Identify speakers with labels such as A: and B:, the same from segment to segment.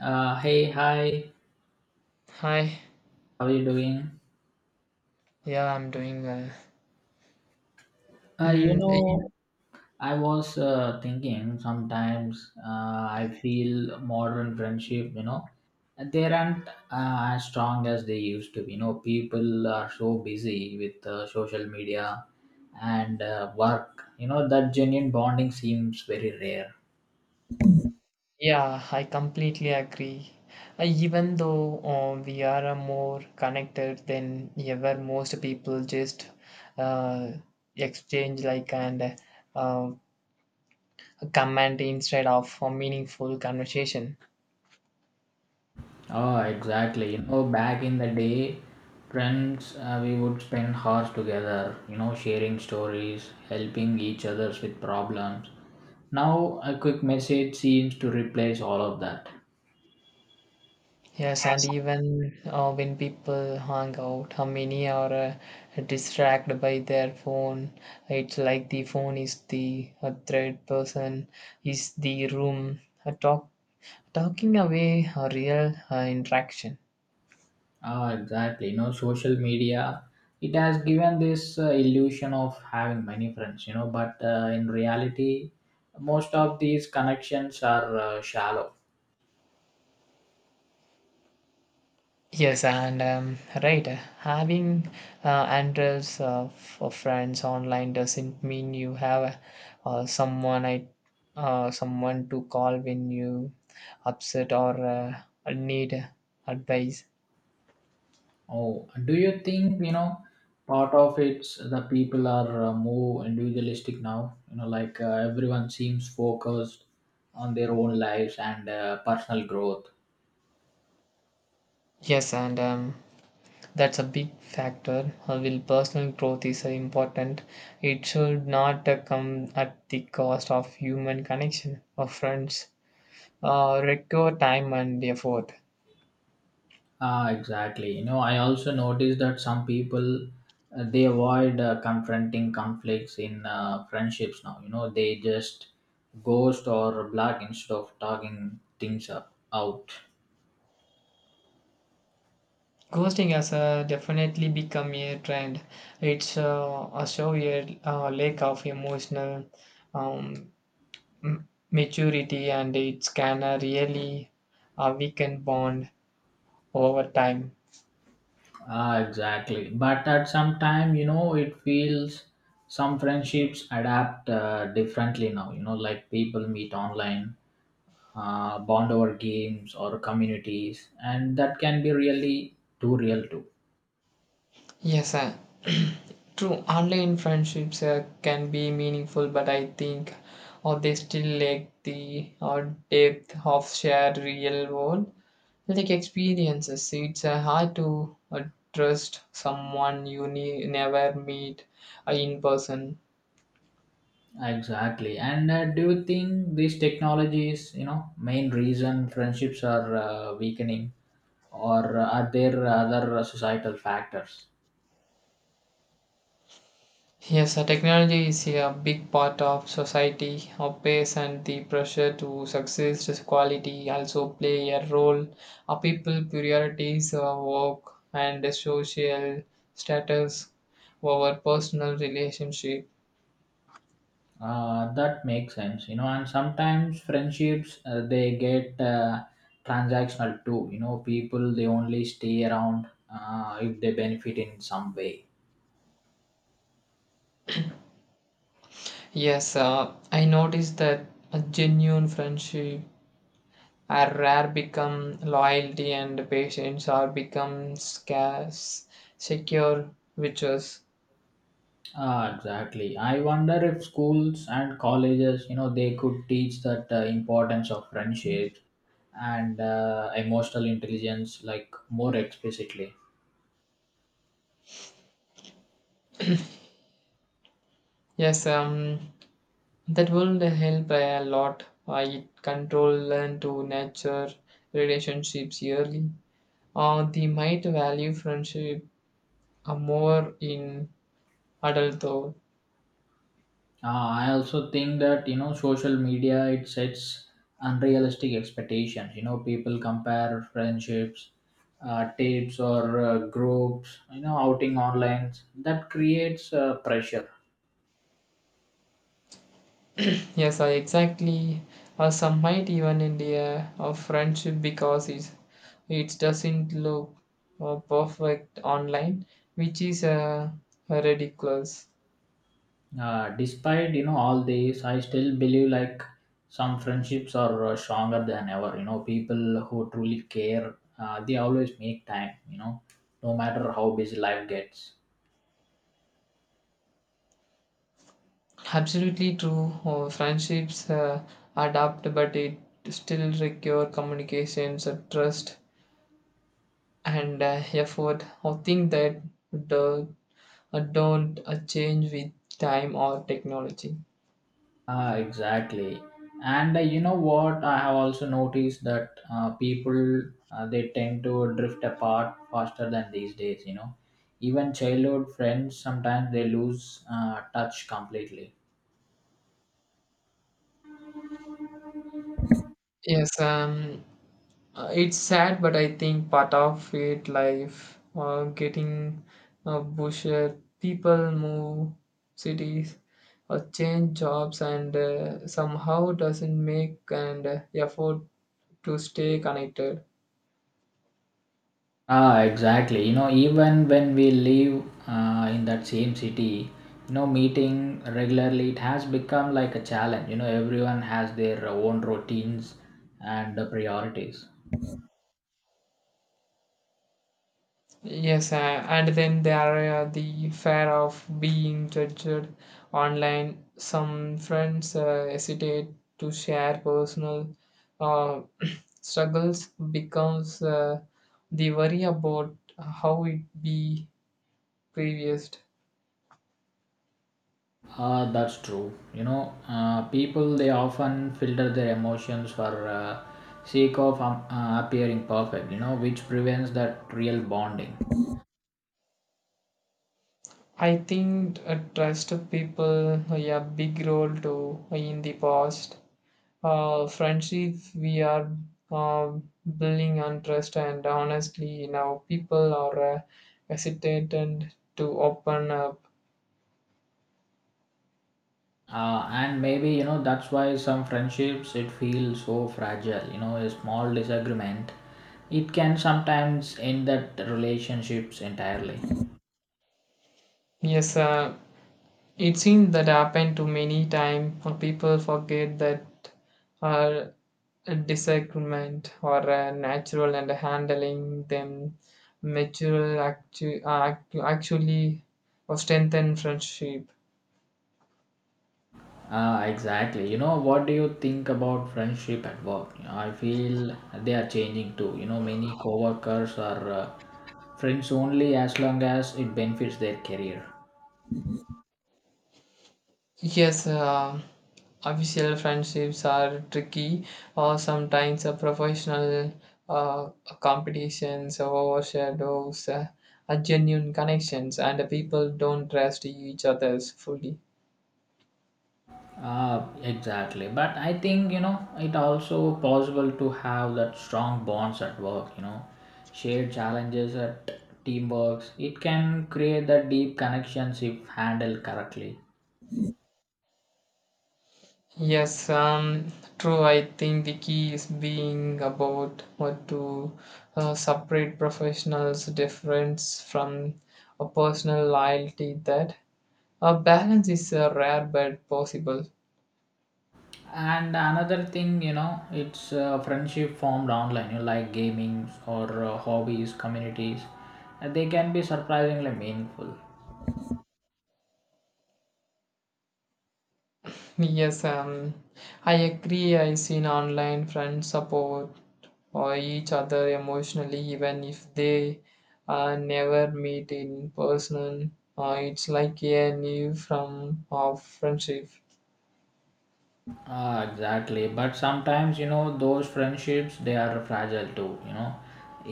A: Hey, hi,
B: Hi,
A: how are you doing?
B: yeah, I'm doing well.
A: Uh, you
B: Mm, y-
A: know, I was thinking sometimes I feel modern friendship, you know, they aren't as strong as they used to be. People are so busy with social media and work, that genuine bonding seems very rare.
B: yeah, I completely agree. Even though we are more connected than ever, most people just uh, exchange like and uh, comment instead of a meaningful conversation.
A: Oh, exactly. Back in the day, friends, we would spend hours together, sharing stories, helping each others with problems. Now, a quick message seems to replace all of that.
B: Yes, and even when people hang out, how many are distracted by their phone? It's like the phone is the third person, is the room, talking away a real interaction.
A: Ah, exactly. Social media, it has given this illusion of having many friends, but in reality, most of these connections are shallow.
B: Yes, and Right, having hundreds of friends online doesn't mean you have uh, someone I someone to call when you upset or need advice.
A: Oh, do you think, part of it's the people are more individualistic now? Like everyone seems focused on their own lives and personal growth.
B: Yes, and That's a big factor. Will personal growth is important. It should not come at the cost of human connection or friends. Require time and effort.
A: Ah, exactly. I also noticed that some people they avoid confronting conflicts in friendships now. They just ghost or block instead of talking things up, out.
B: Ghosting has definitely become a trend. It's a show a lack of emotional um, maturity, and it can really weaken bond over time.
A: Ah, exactly. But at some time, it feels some friendships adapt differently now. Like people meet online, bond over games or communities, and that can be really too real too.
B: Yes, uh, True. Online friendships can be meaningful, but I think they still lack the depth of shared real world like experiences. It's hard to trust someone you never meet in person.
A: Exactly. And do you think these technologies, main reason friendships are weakening, or are there other societal factors?
B: Yes, technology is a big part of society. Our pace and the pressure to success, just quality also play a role. Our people priorities, work, and the social status over personal relationship.
A: That makes sense. And sometimes friendships they get transactional too. People they only stay around if they benefit in some way.
B: Yes, I noticed that a genuine friendship are rare become loyalty and patience are become scarce secure riches.
A: Ah, exactly. I wonder if schools and colleges, they could teach that importance of friendships and emotional intelligence like more explicitly.
B: yes um that will help a lot. It control learn to nurture relationships yearly. They might value friendship more in adulthood.
A: I also think that social media it sets unrealistic expectations. People compare friendships, tapes or groups. Outing online that creates pressure.
B: Yes, I exactly. Or some might even in the of friendship because it doesn't look perfect online, which is ridiculous.
A: Despite all this, I still believe like some friendships are stronger than ever. People who truly care they always make time. No matter how busy life gets.
B: Absolutely true. Friendships adapt, but it still require communications, trust, and effort. I think that do don't change with time or technology.
A: Ah, exactly. And you know what? I have also noticed that people they tend to drift apart faster than these days. Even childhood friends sometimes they lose touch completely.
B: Yes, um, it's sad, but I think part of it, life, getting busher, people move cities or change jobs, and somehow doesn't make an effort to stay connected.
A: Ah, exactly. Even when we live in that same city, meeting regularly, it has become like a challenge. Everyone has their own routines and priorities.
B: Yes, and then there are the fear of being judged online. Some friends hesitate to share personal uh, struggles because they worry about how it be previewed.
A: That's true. People they often filter their emotions for sake of appearing perfect. Which prevents that real bonding.
B: I think trust of people play a big role too in the past. Friendship. We are uh, building on trust, and honestly, now people are hesitant to open up.
A: And maybe that's why some friendships it feels so fragile. A small disagreement, it can sometimes end that relationships entirely.
B: Yes, it seems that happened to many times. People forget that uh, a disagreement or natural and handling them actually or strengthen friendship.
A: Ah, exactly. What do you think about friendship at work? I feel they are changing too. Many coworkers are friends only as long as it benefits their career.
B: Yes, official friendships are tricky, or sometimes a professional uh, competitions overshadows a genuine connections, and people don't trust each others fully.
A: Ah, exactly. But I think it also possible to have that strong bonds at work. Shared challenges at teamworks. It can create that deep connections if handled correctly.
B: Yes, um, True. I think the key is being about what to separate professionals' difference from a personal loyalty. That a balance is rare but possible.
A: And another thing it's friendship formed online, like gamings or hobbies communities, and they can be surprisingly meaningful.
B: Yes, um, I agree. I seen online friends support or each other emotionally, even if they never meet in person. It's like a new form of friendship.
A: Ah, exactly. But sometimes those friendships they are fragile too.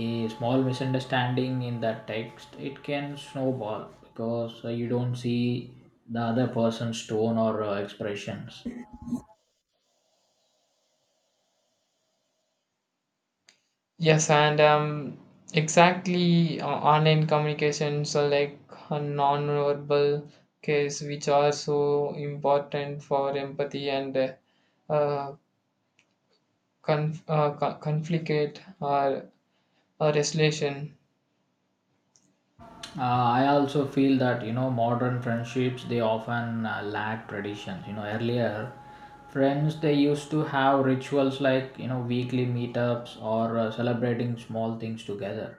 A: A small misunderstanding in that text, it can snowball because you don't see the other person's tone or expressions.
B: Yes, and Exactly, online communications are like a non-verbal case, which are so important for empathy and uh, conflict. Regulation.
A: I also feel that modern friendships they often lack traditions. Earlier, friends they used to have rituals like weekly meetups or celebrating small things together.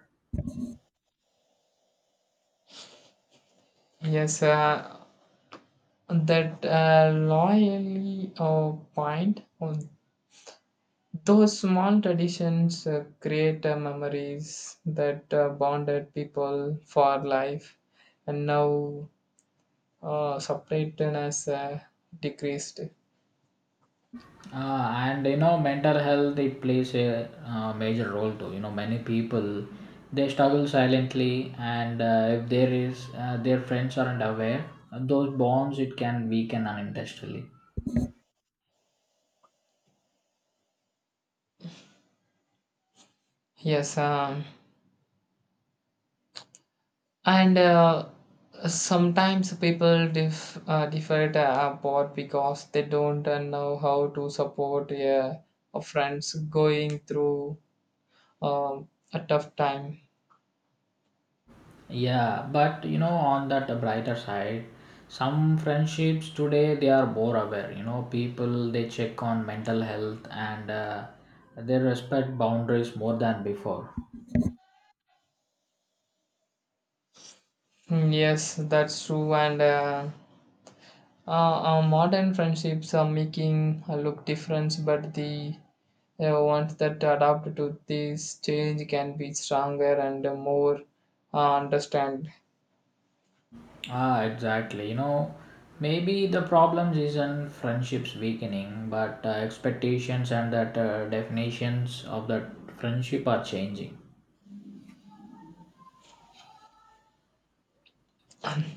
B: Yes, that loyally point. On those small traditions create memories that bonded people for life, and now separateness decreased.
A: And mental health it plays a major role too. Many people they struggle silently, and if there is their friends aren't aware, those bonds it can weaken unintentionally.
B: Yes, and Sometimes people differ apart because they don't know how to support a friends going through a tough time.
A: Yeah, but on that brighter side, some friendships today they are more aware. People they check on mental health and they respect boundaries more than before.
B: Mm, yes, that's true. And Modern friendships are making a look difference, but the ones that adapt to this change can be stronger and more understand.
A: Ah, exactly. Maybe the problems isn't friendships weakening, but expectations and that definitions of that friendship are changing.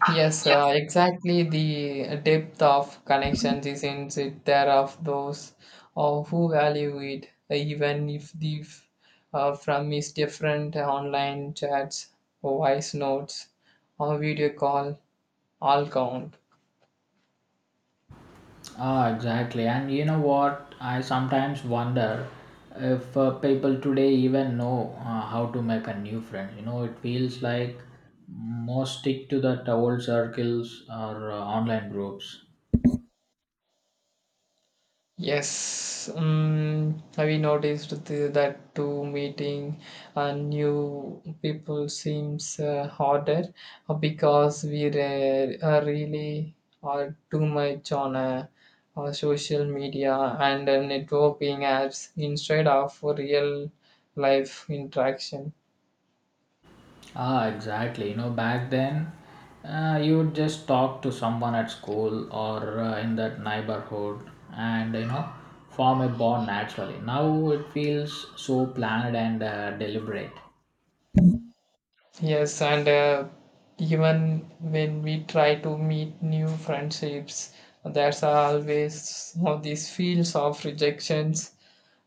B: Yes, exactly. The depth of connections is in it there of those who value it, even if from is different. Online chats, voice notes, or video call all count.
A: Ah, exactly. And you know what? I sometimes wonder if people today even know how to make a new friend. It feels like most stick to the old circles or online groups.
B: Yes, have you noticed that to meeting new people seems harder because really are too much on social media and networking apps instead of real life interaction.
A: Ah, exactly. Back then, you would just talk to someone at school or in that neighborhood and, form a bond naturally. Now it feels so planned and deliberate.
B: Yes, and even when we try to meet new friendships, there's always all these feels of rejections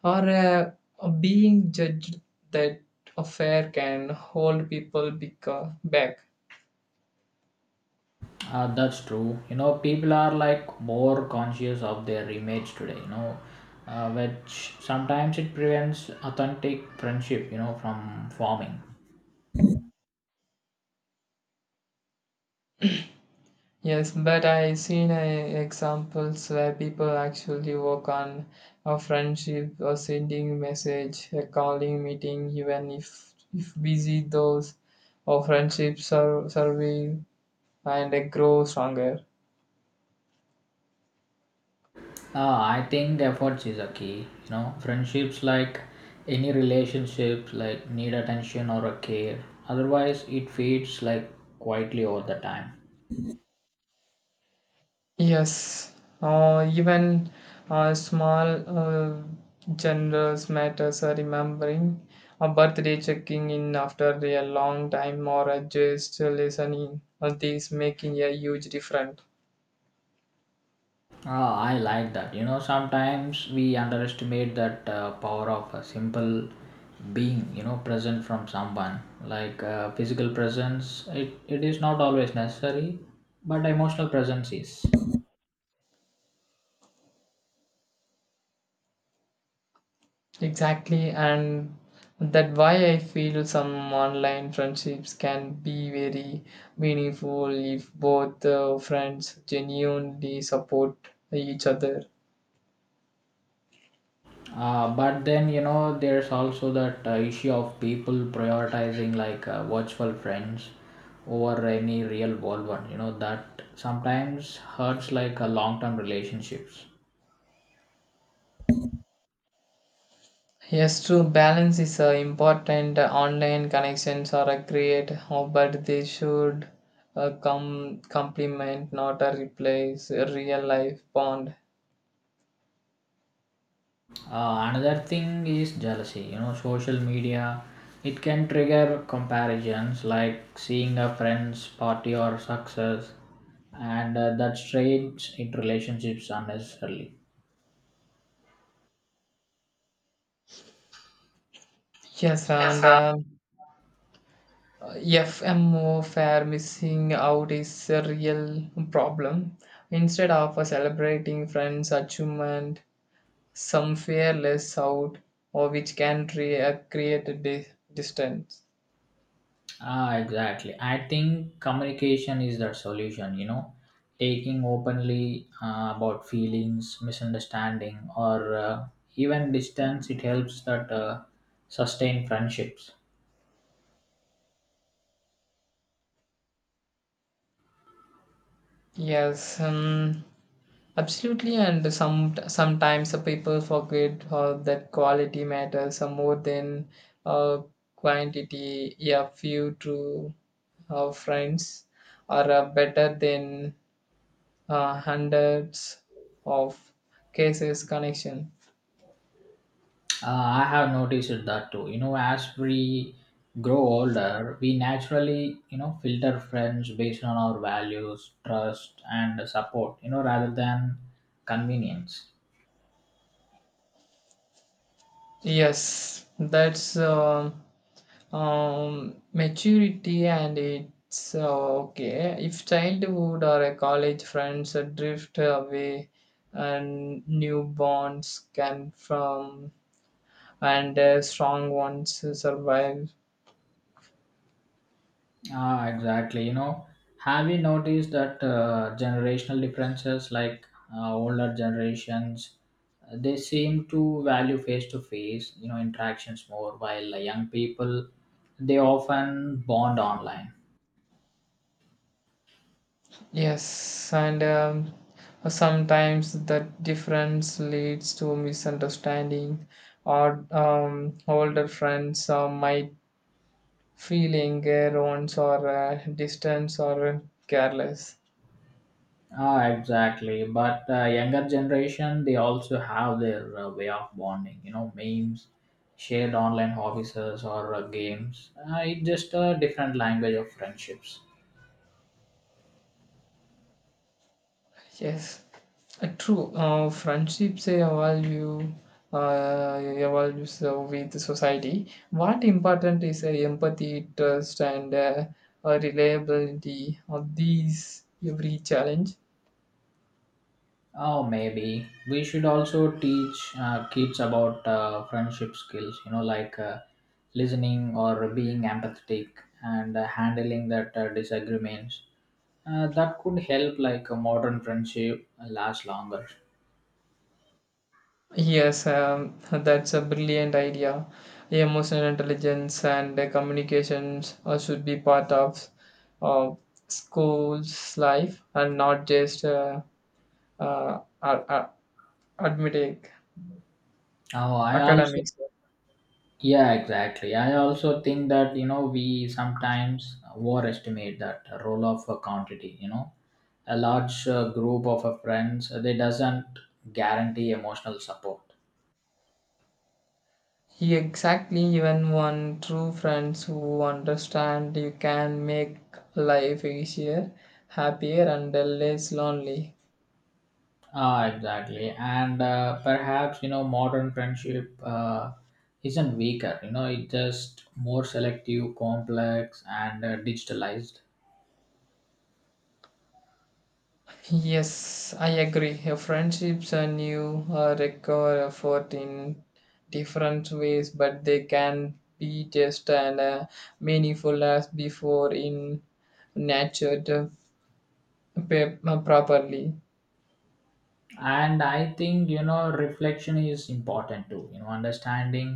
B: or being judged that affair can hold people back.
A: That's true. People are like more conscious of their image today, which sometimes it prevents authentic friendship, from forming.
B: Yes, but I seen examples where people actually work on a friendship or sending message, a calling meeting, even if busy. Those or friendships are serving and they grow stronger.
A: I think efforts is a key, friendships like any relationship like need attention or a care. Otherwise, it fades like quietly over the time.
B: Yes, even small generous matters are remembering a birthday checking in after a long time or a just listening. All these making a huge difference.
A: Ah, I like that. Sometimes we underestimate that power of a simple being, present from someone. Like physical presence, it is not always necessary, but emotional presence is.
B: Exactly, and that why I feel some online friendships can be very meaningful if both friends genuinely support each other.
A: But then, there's also that issue of people prioritizing like virtual friends over any real world one. That sometimes hurts like long term relationships.
B: Yes, true. Balance is important. Online connections are a great, but they should come complement, not a replace a real life bond.
A: Another thing is jealousy. Social media it can trigger comparisons like seeing a friend's party or success, and that strains into relationships unnecessarily.
B: Yes, and FMO fair missing out is a real problem. Instead of celebrating friends' achievement, some fair less out, or which can create distance.
A: Ah, exactly. I think communication is that solution. Taking openly about feelings, misunderstanding, or even distance it helps that sustain friendships.
B: Yes. Um, Absolutely, and sometimes the people forget that quality matters more than uh, quantity. A few true friends are better than hundreds of cases connection.
A: I have noticed that too. As we grow older, we naturally, filter friends based on our values, trust, and support, rather than convenience.
B: Yes, that's. Maturity and it's okay if childhood or a college friends drift away and new bonds can from and strong ones survive.
A: Ah, exactly. Have you noticed that generational differences, like older generations, they seem to value face-to-face, interactions more, while young people, they often bond online.
B: Yes and Sometimes that difference leads to misunderstanding or older friends might feeling or distance or careless.
A: Ah, exactly. But younger generation, they also have their way of bonding. Memes, shared online offices, or games. It's just a different language of friendships.
B: Yes, true. Friendships they evolves with society. What important is empathy, trust, and reliability of these every challenge?
A: Oh, maybe we should also teach kids about friendship skills. Like listening or being empathetic and handling that disagreements. That could help like a modern friendship last longer.
B: Yes, that's a brilliant idea. Emotional intelligence and communications should be part of uh, school's life and not just uh, uh, uh, admitting
A: Oh, I also
B: academics.
A: Yeah, exactly. I also think that, we sometimes overestimate that role of a quantity. A large group of friends, they doesn't guarantee emotional support.
B: He exactly even one true friends who understand you can make life easier, happier and less lonely.
A: Ah, exactly. And perhaps, modern friendship isn't weaker, it's just more selective, complex, and digitalized.
B: Yes, I agree. Your friendships and you require effort in different ways, but they can be just and meaningful as before in nurtured properly.
A: And I think reflection is important too. Understanding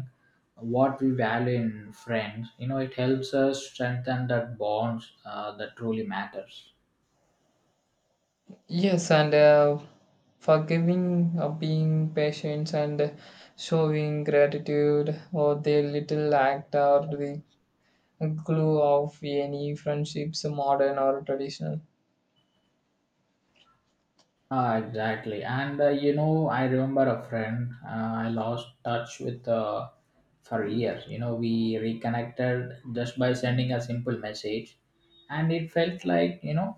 A: what we value in friends, it helps us strengthen that bonds that truly matters.
B: Yes, and forgiving, being patient, and showing gratitude or their little act are the glue of any friendships, modern or traditional.
A: Ah, exactly. And I remember a friend I lost touch with for years. We reconnected just by sending a simple message, and it felt like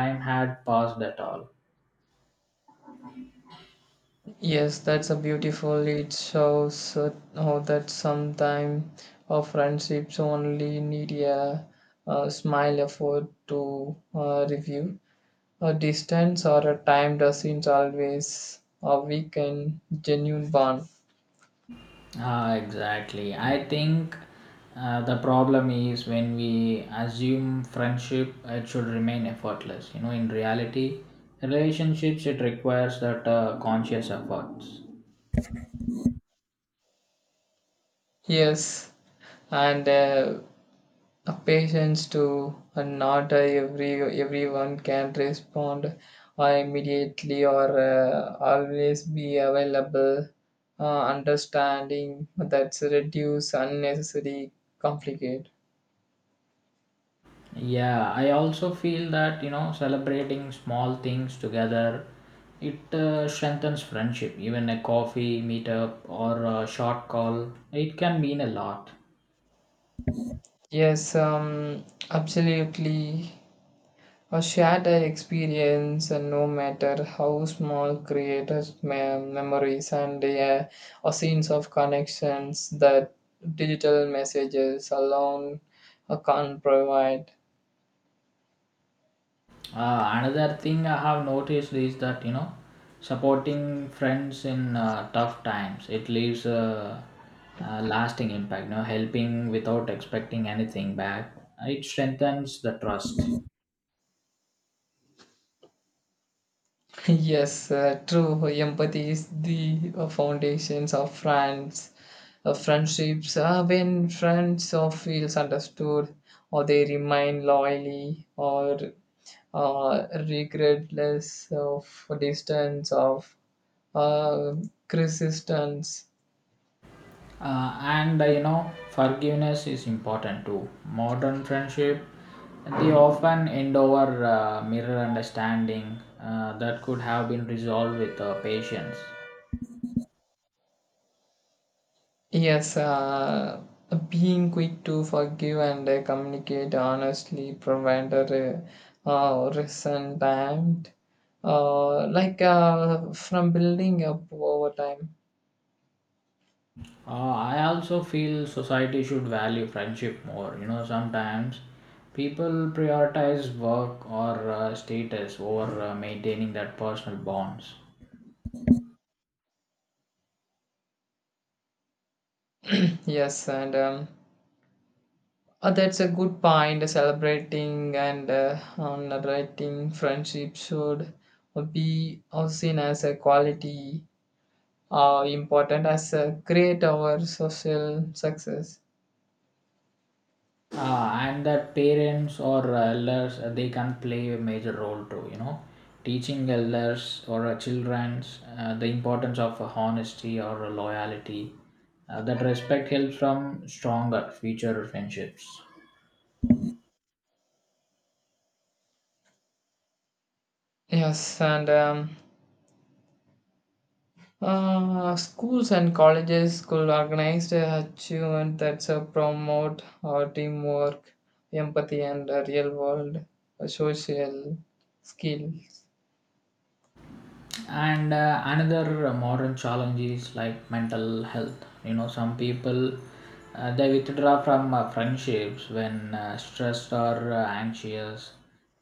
A: time had passed at all.
B: Yes, that's a beautiful. It shows how that sometimes our friendships only need a, smile effort to review. A distance or a time doesn't always weaken genuine bond.
A: Ah, exactly. I think the problem is when we assume friendship, it should remain effortless. In reality, relationships, it requires that conscious efforts.
B: Yes, and a patience too. And not everyone can respond or immediately or always be available. Understanding that's reduce unnecessary conflict.
A: Yeah, I also feel that, celebrating small things together, it strengthens friendship. Even a coffee meetup or a short call, it can mean a lot.
B: Yes, um, Absolutely. A shared experience, and no matter how small, creates memories and a sense of connections that digital messages alone can't provide.
A: Another thing I have noticed is that supporting friends in tough times it leaves a lasting impact. Helping without expecting anything back, it strengthens the trust.
B: Yes, true. Empathy is the foundations of friendships. When friends or feels understood, or they remain loyally, or regardless of distance, of uh, resistance.
A: And forgiveness is important too. Modern friendship they often end over mirror understanding that could have been resolved with patience.
B: Yes, being quick to forgive and communicate honestly prevent a resentment, like from building up over time.
A: I also feel society should value friendship more. Sometimes people prioritize work or status over maintaining that personal bonds.
B: Yes, and That's a good point. Celebrating and honoring friendship should be seen as a quality important as a create our social success.
A: And that parents or elders they can play a major role too. Teaching elders or childrens the importance of honesty or loyalty. That respect helps from stronger future friendships.
B: Yes, and Schools and colleges could organize a achievement that's promote teamwork, empathy, and real world social skills.
A: And another modern challenge is like mental health. Some people they withdraw from friendships when stressed or anxious,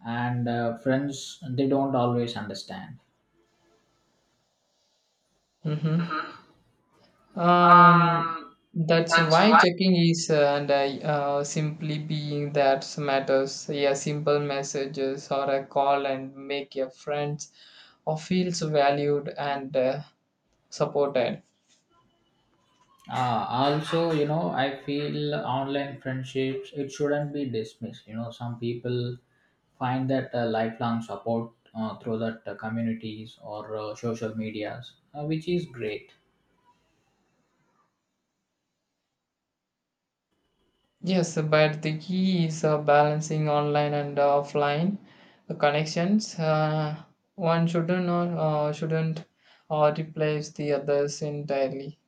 A: and friends they don't always understand.
B: Mm-hmm. Um,
A: Um,
B: that's
A: that's
B: why checking is and simply being that matters. Yeah, simple messages or a call and make your friends or feels valued and supported.
A: Also, you know, I feel online friendships, it shouldn't be dismissed. Some people find that lifelong support through that communities or social medias, which is great.
B: Yes, but the key is balancing online and offline connections. One shouldn't replace the others entirely.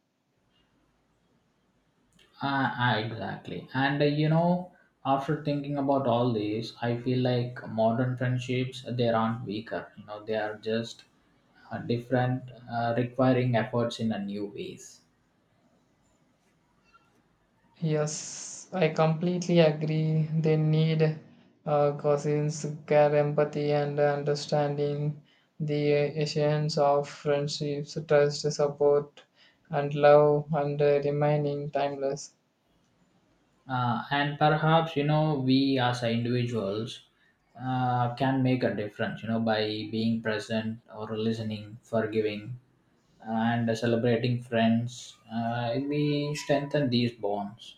A: Ah, exactly. And after thinking about all this, I feel like modern friendships, they aren't weaker. They are just different, requiring efforts in a new ways.
B: Yes, I completely agree. They need cousins, care, empathy, and understanding the essence of friendships, trust, support, and love, and remaining timeless.
A: And perhaps, we as a individuals can make a difference, by being present or listening, forgiving, and celebrating friends. We strengthen these bonds.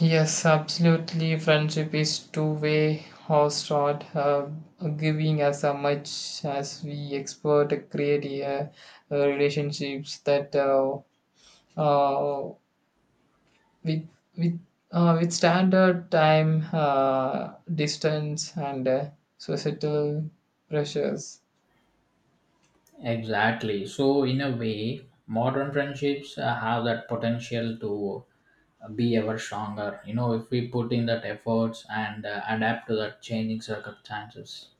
B: Yes, absolutely. Friendship is two-way horse rod, giving as much as we expect to create relationships that uh, with with with standard time, distance, and societal pressures.
A: Exactly. So, in a way, modern friendships have that potential to be ever stronger, if we put in that efforts and adapt to the changing circumstances.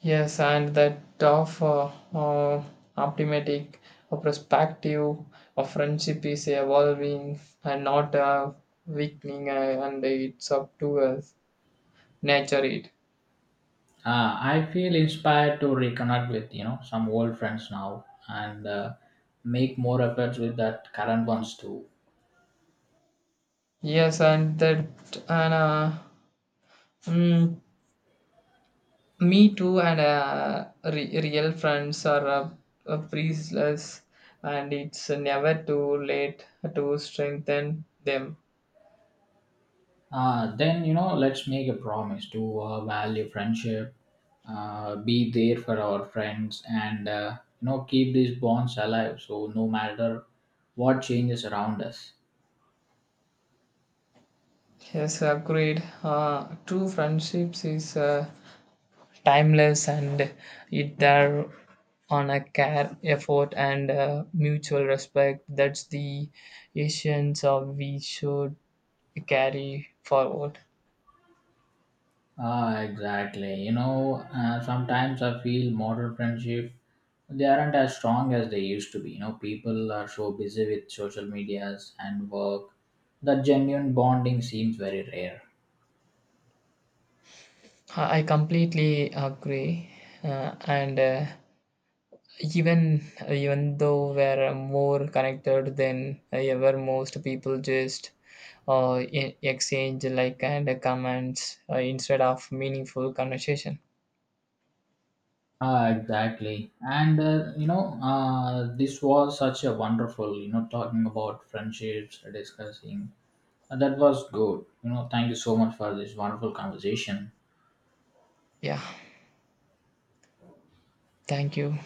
B: Yes, and that of optimistic perspective of friendship is evolving and not weakening, and it's up to us nature it.
A: I feel inspired to reconnect with some old friends now and make more efforts with that current ones too.
B: Yes, and that and uh, mm, me too, and real friends are priceless, and it's never too late to strengthen them.
A: Then let's make a promise to value friendship, be there for our friends, and keep these bonds alive. So no matter what changes around us.
B: Yes, agreed. True friendships is timeless and it there on a care effort and mutual respect that's the essence of we should carry forward.
A: Ah, exactly. Sometimes I feel modern friendship they aren't as strong as they used to be. People are so busy with social medias and work that genuine bonding seems very rare.
B: I completely agree uh, and even even though we're more connected than ever most people just exchange like and comments instead of meaningful conversation.
A: Ah, exactly. And this was such a wonderful, talking about friendships, discussing. That was good. Thank you so much for this wonderful conversation.
B: Yeah, thank you.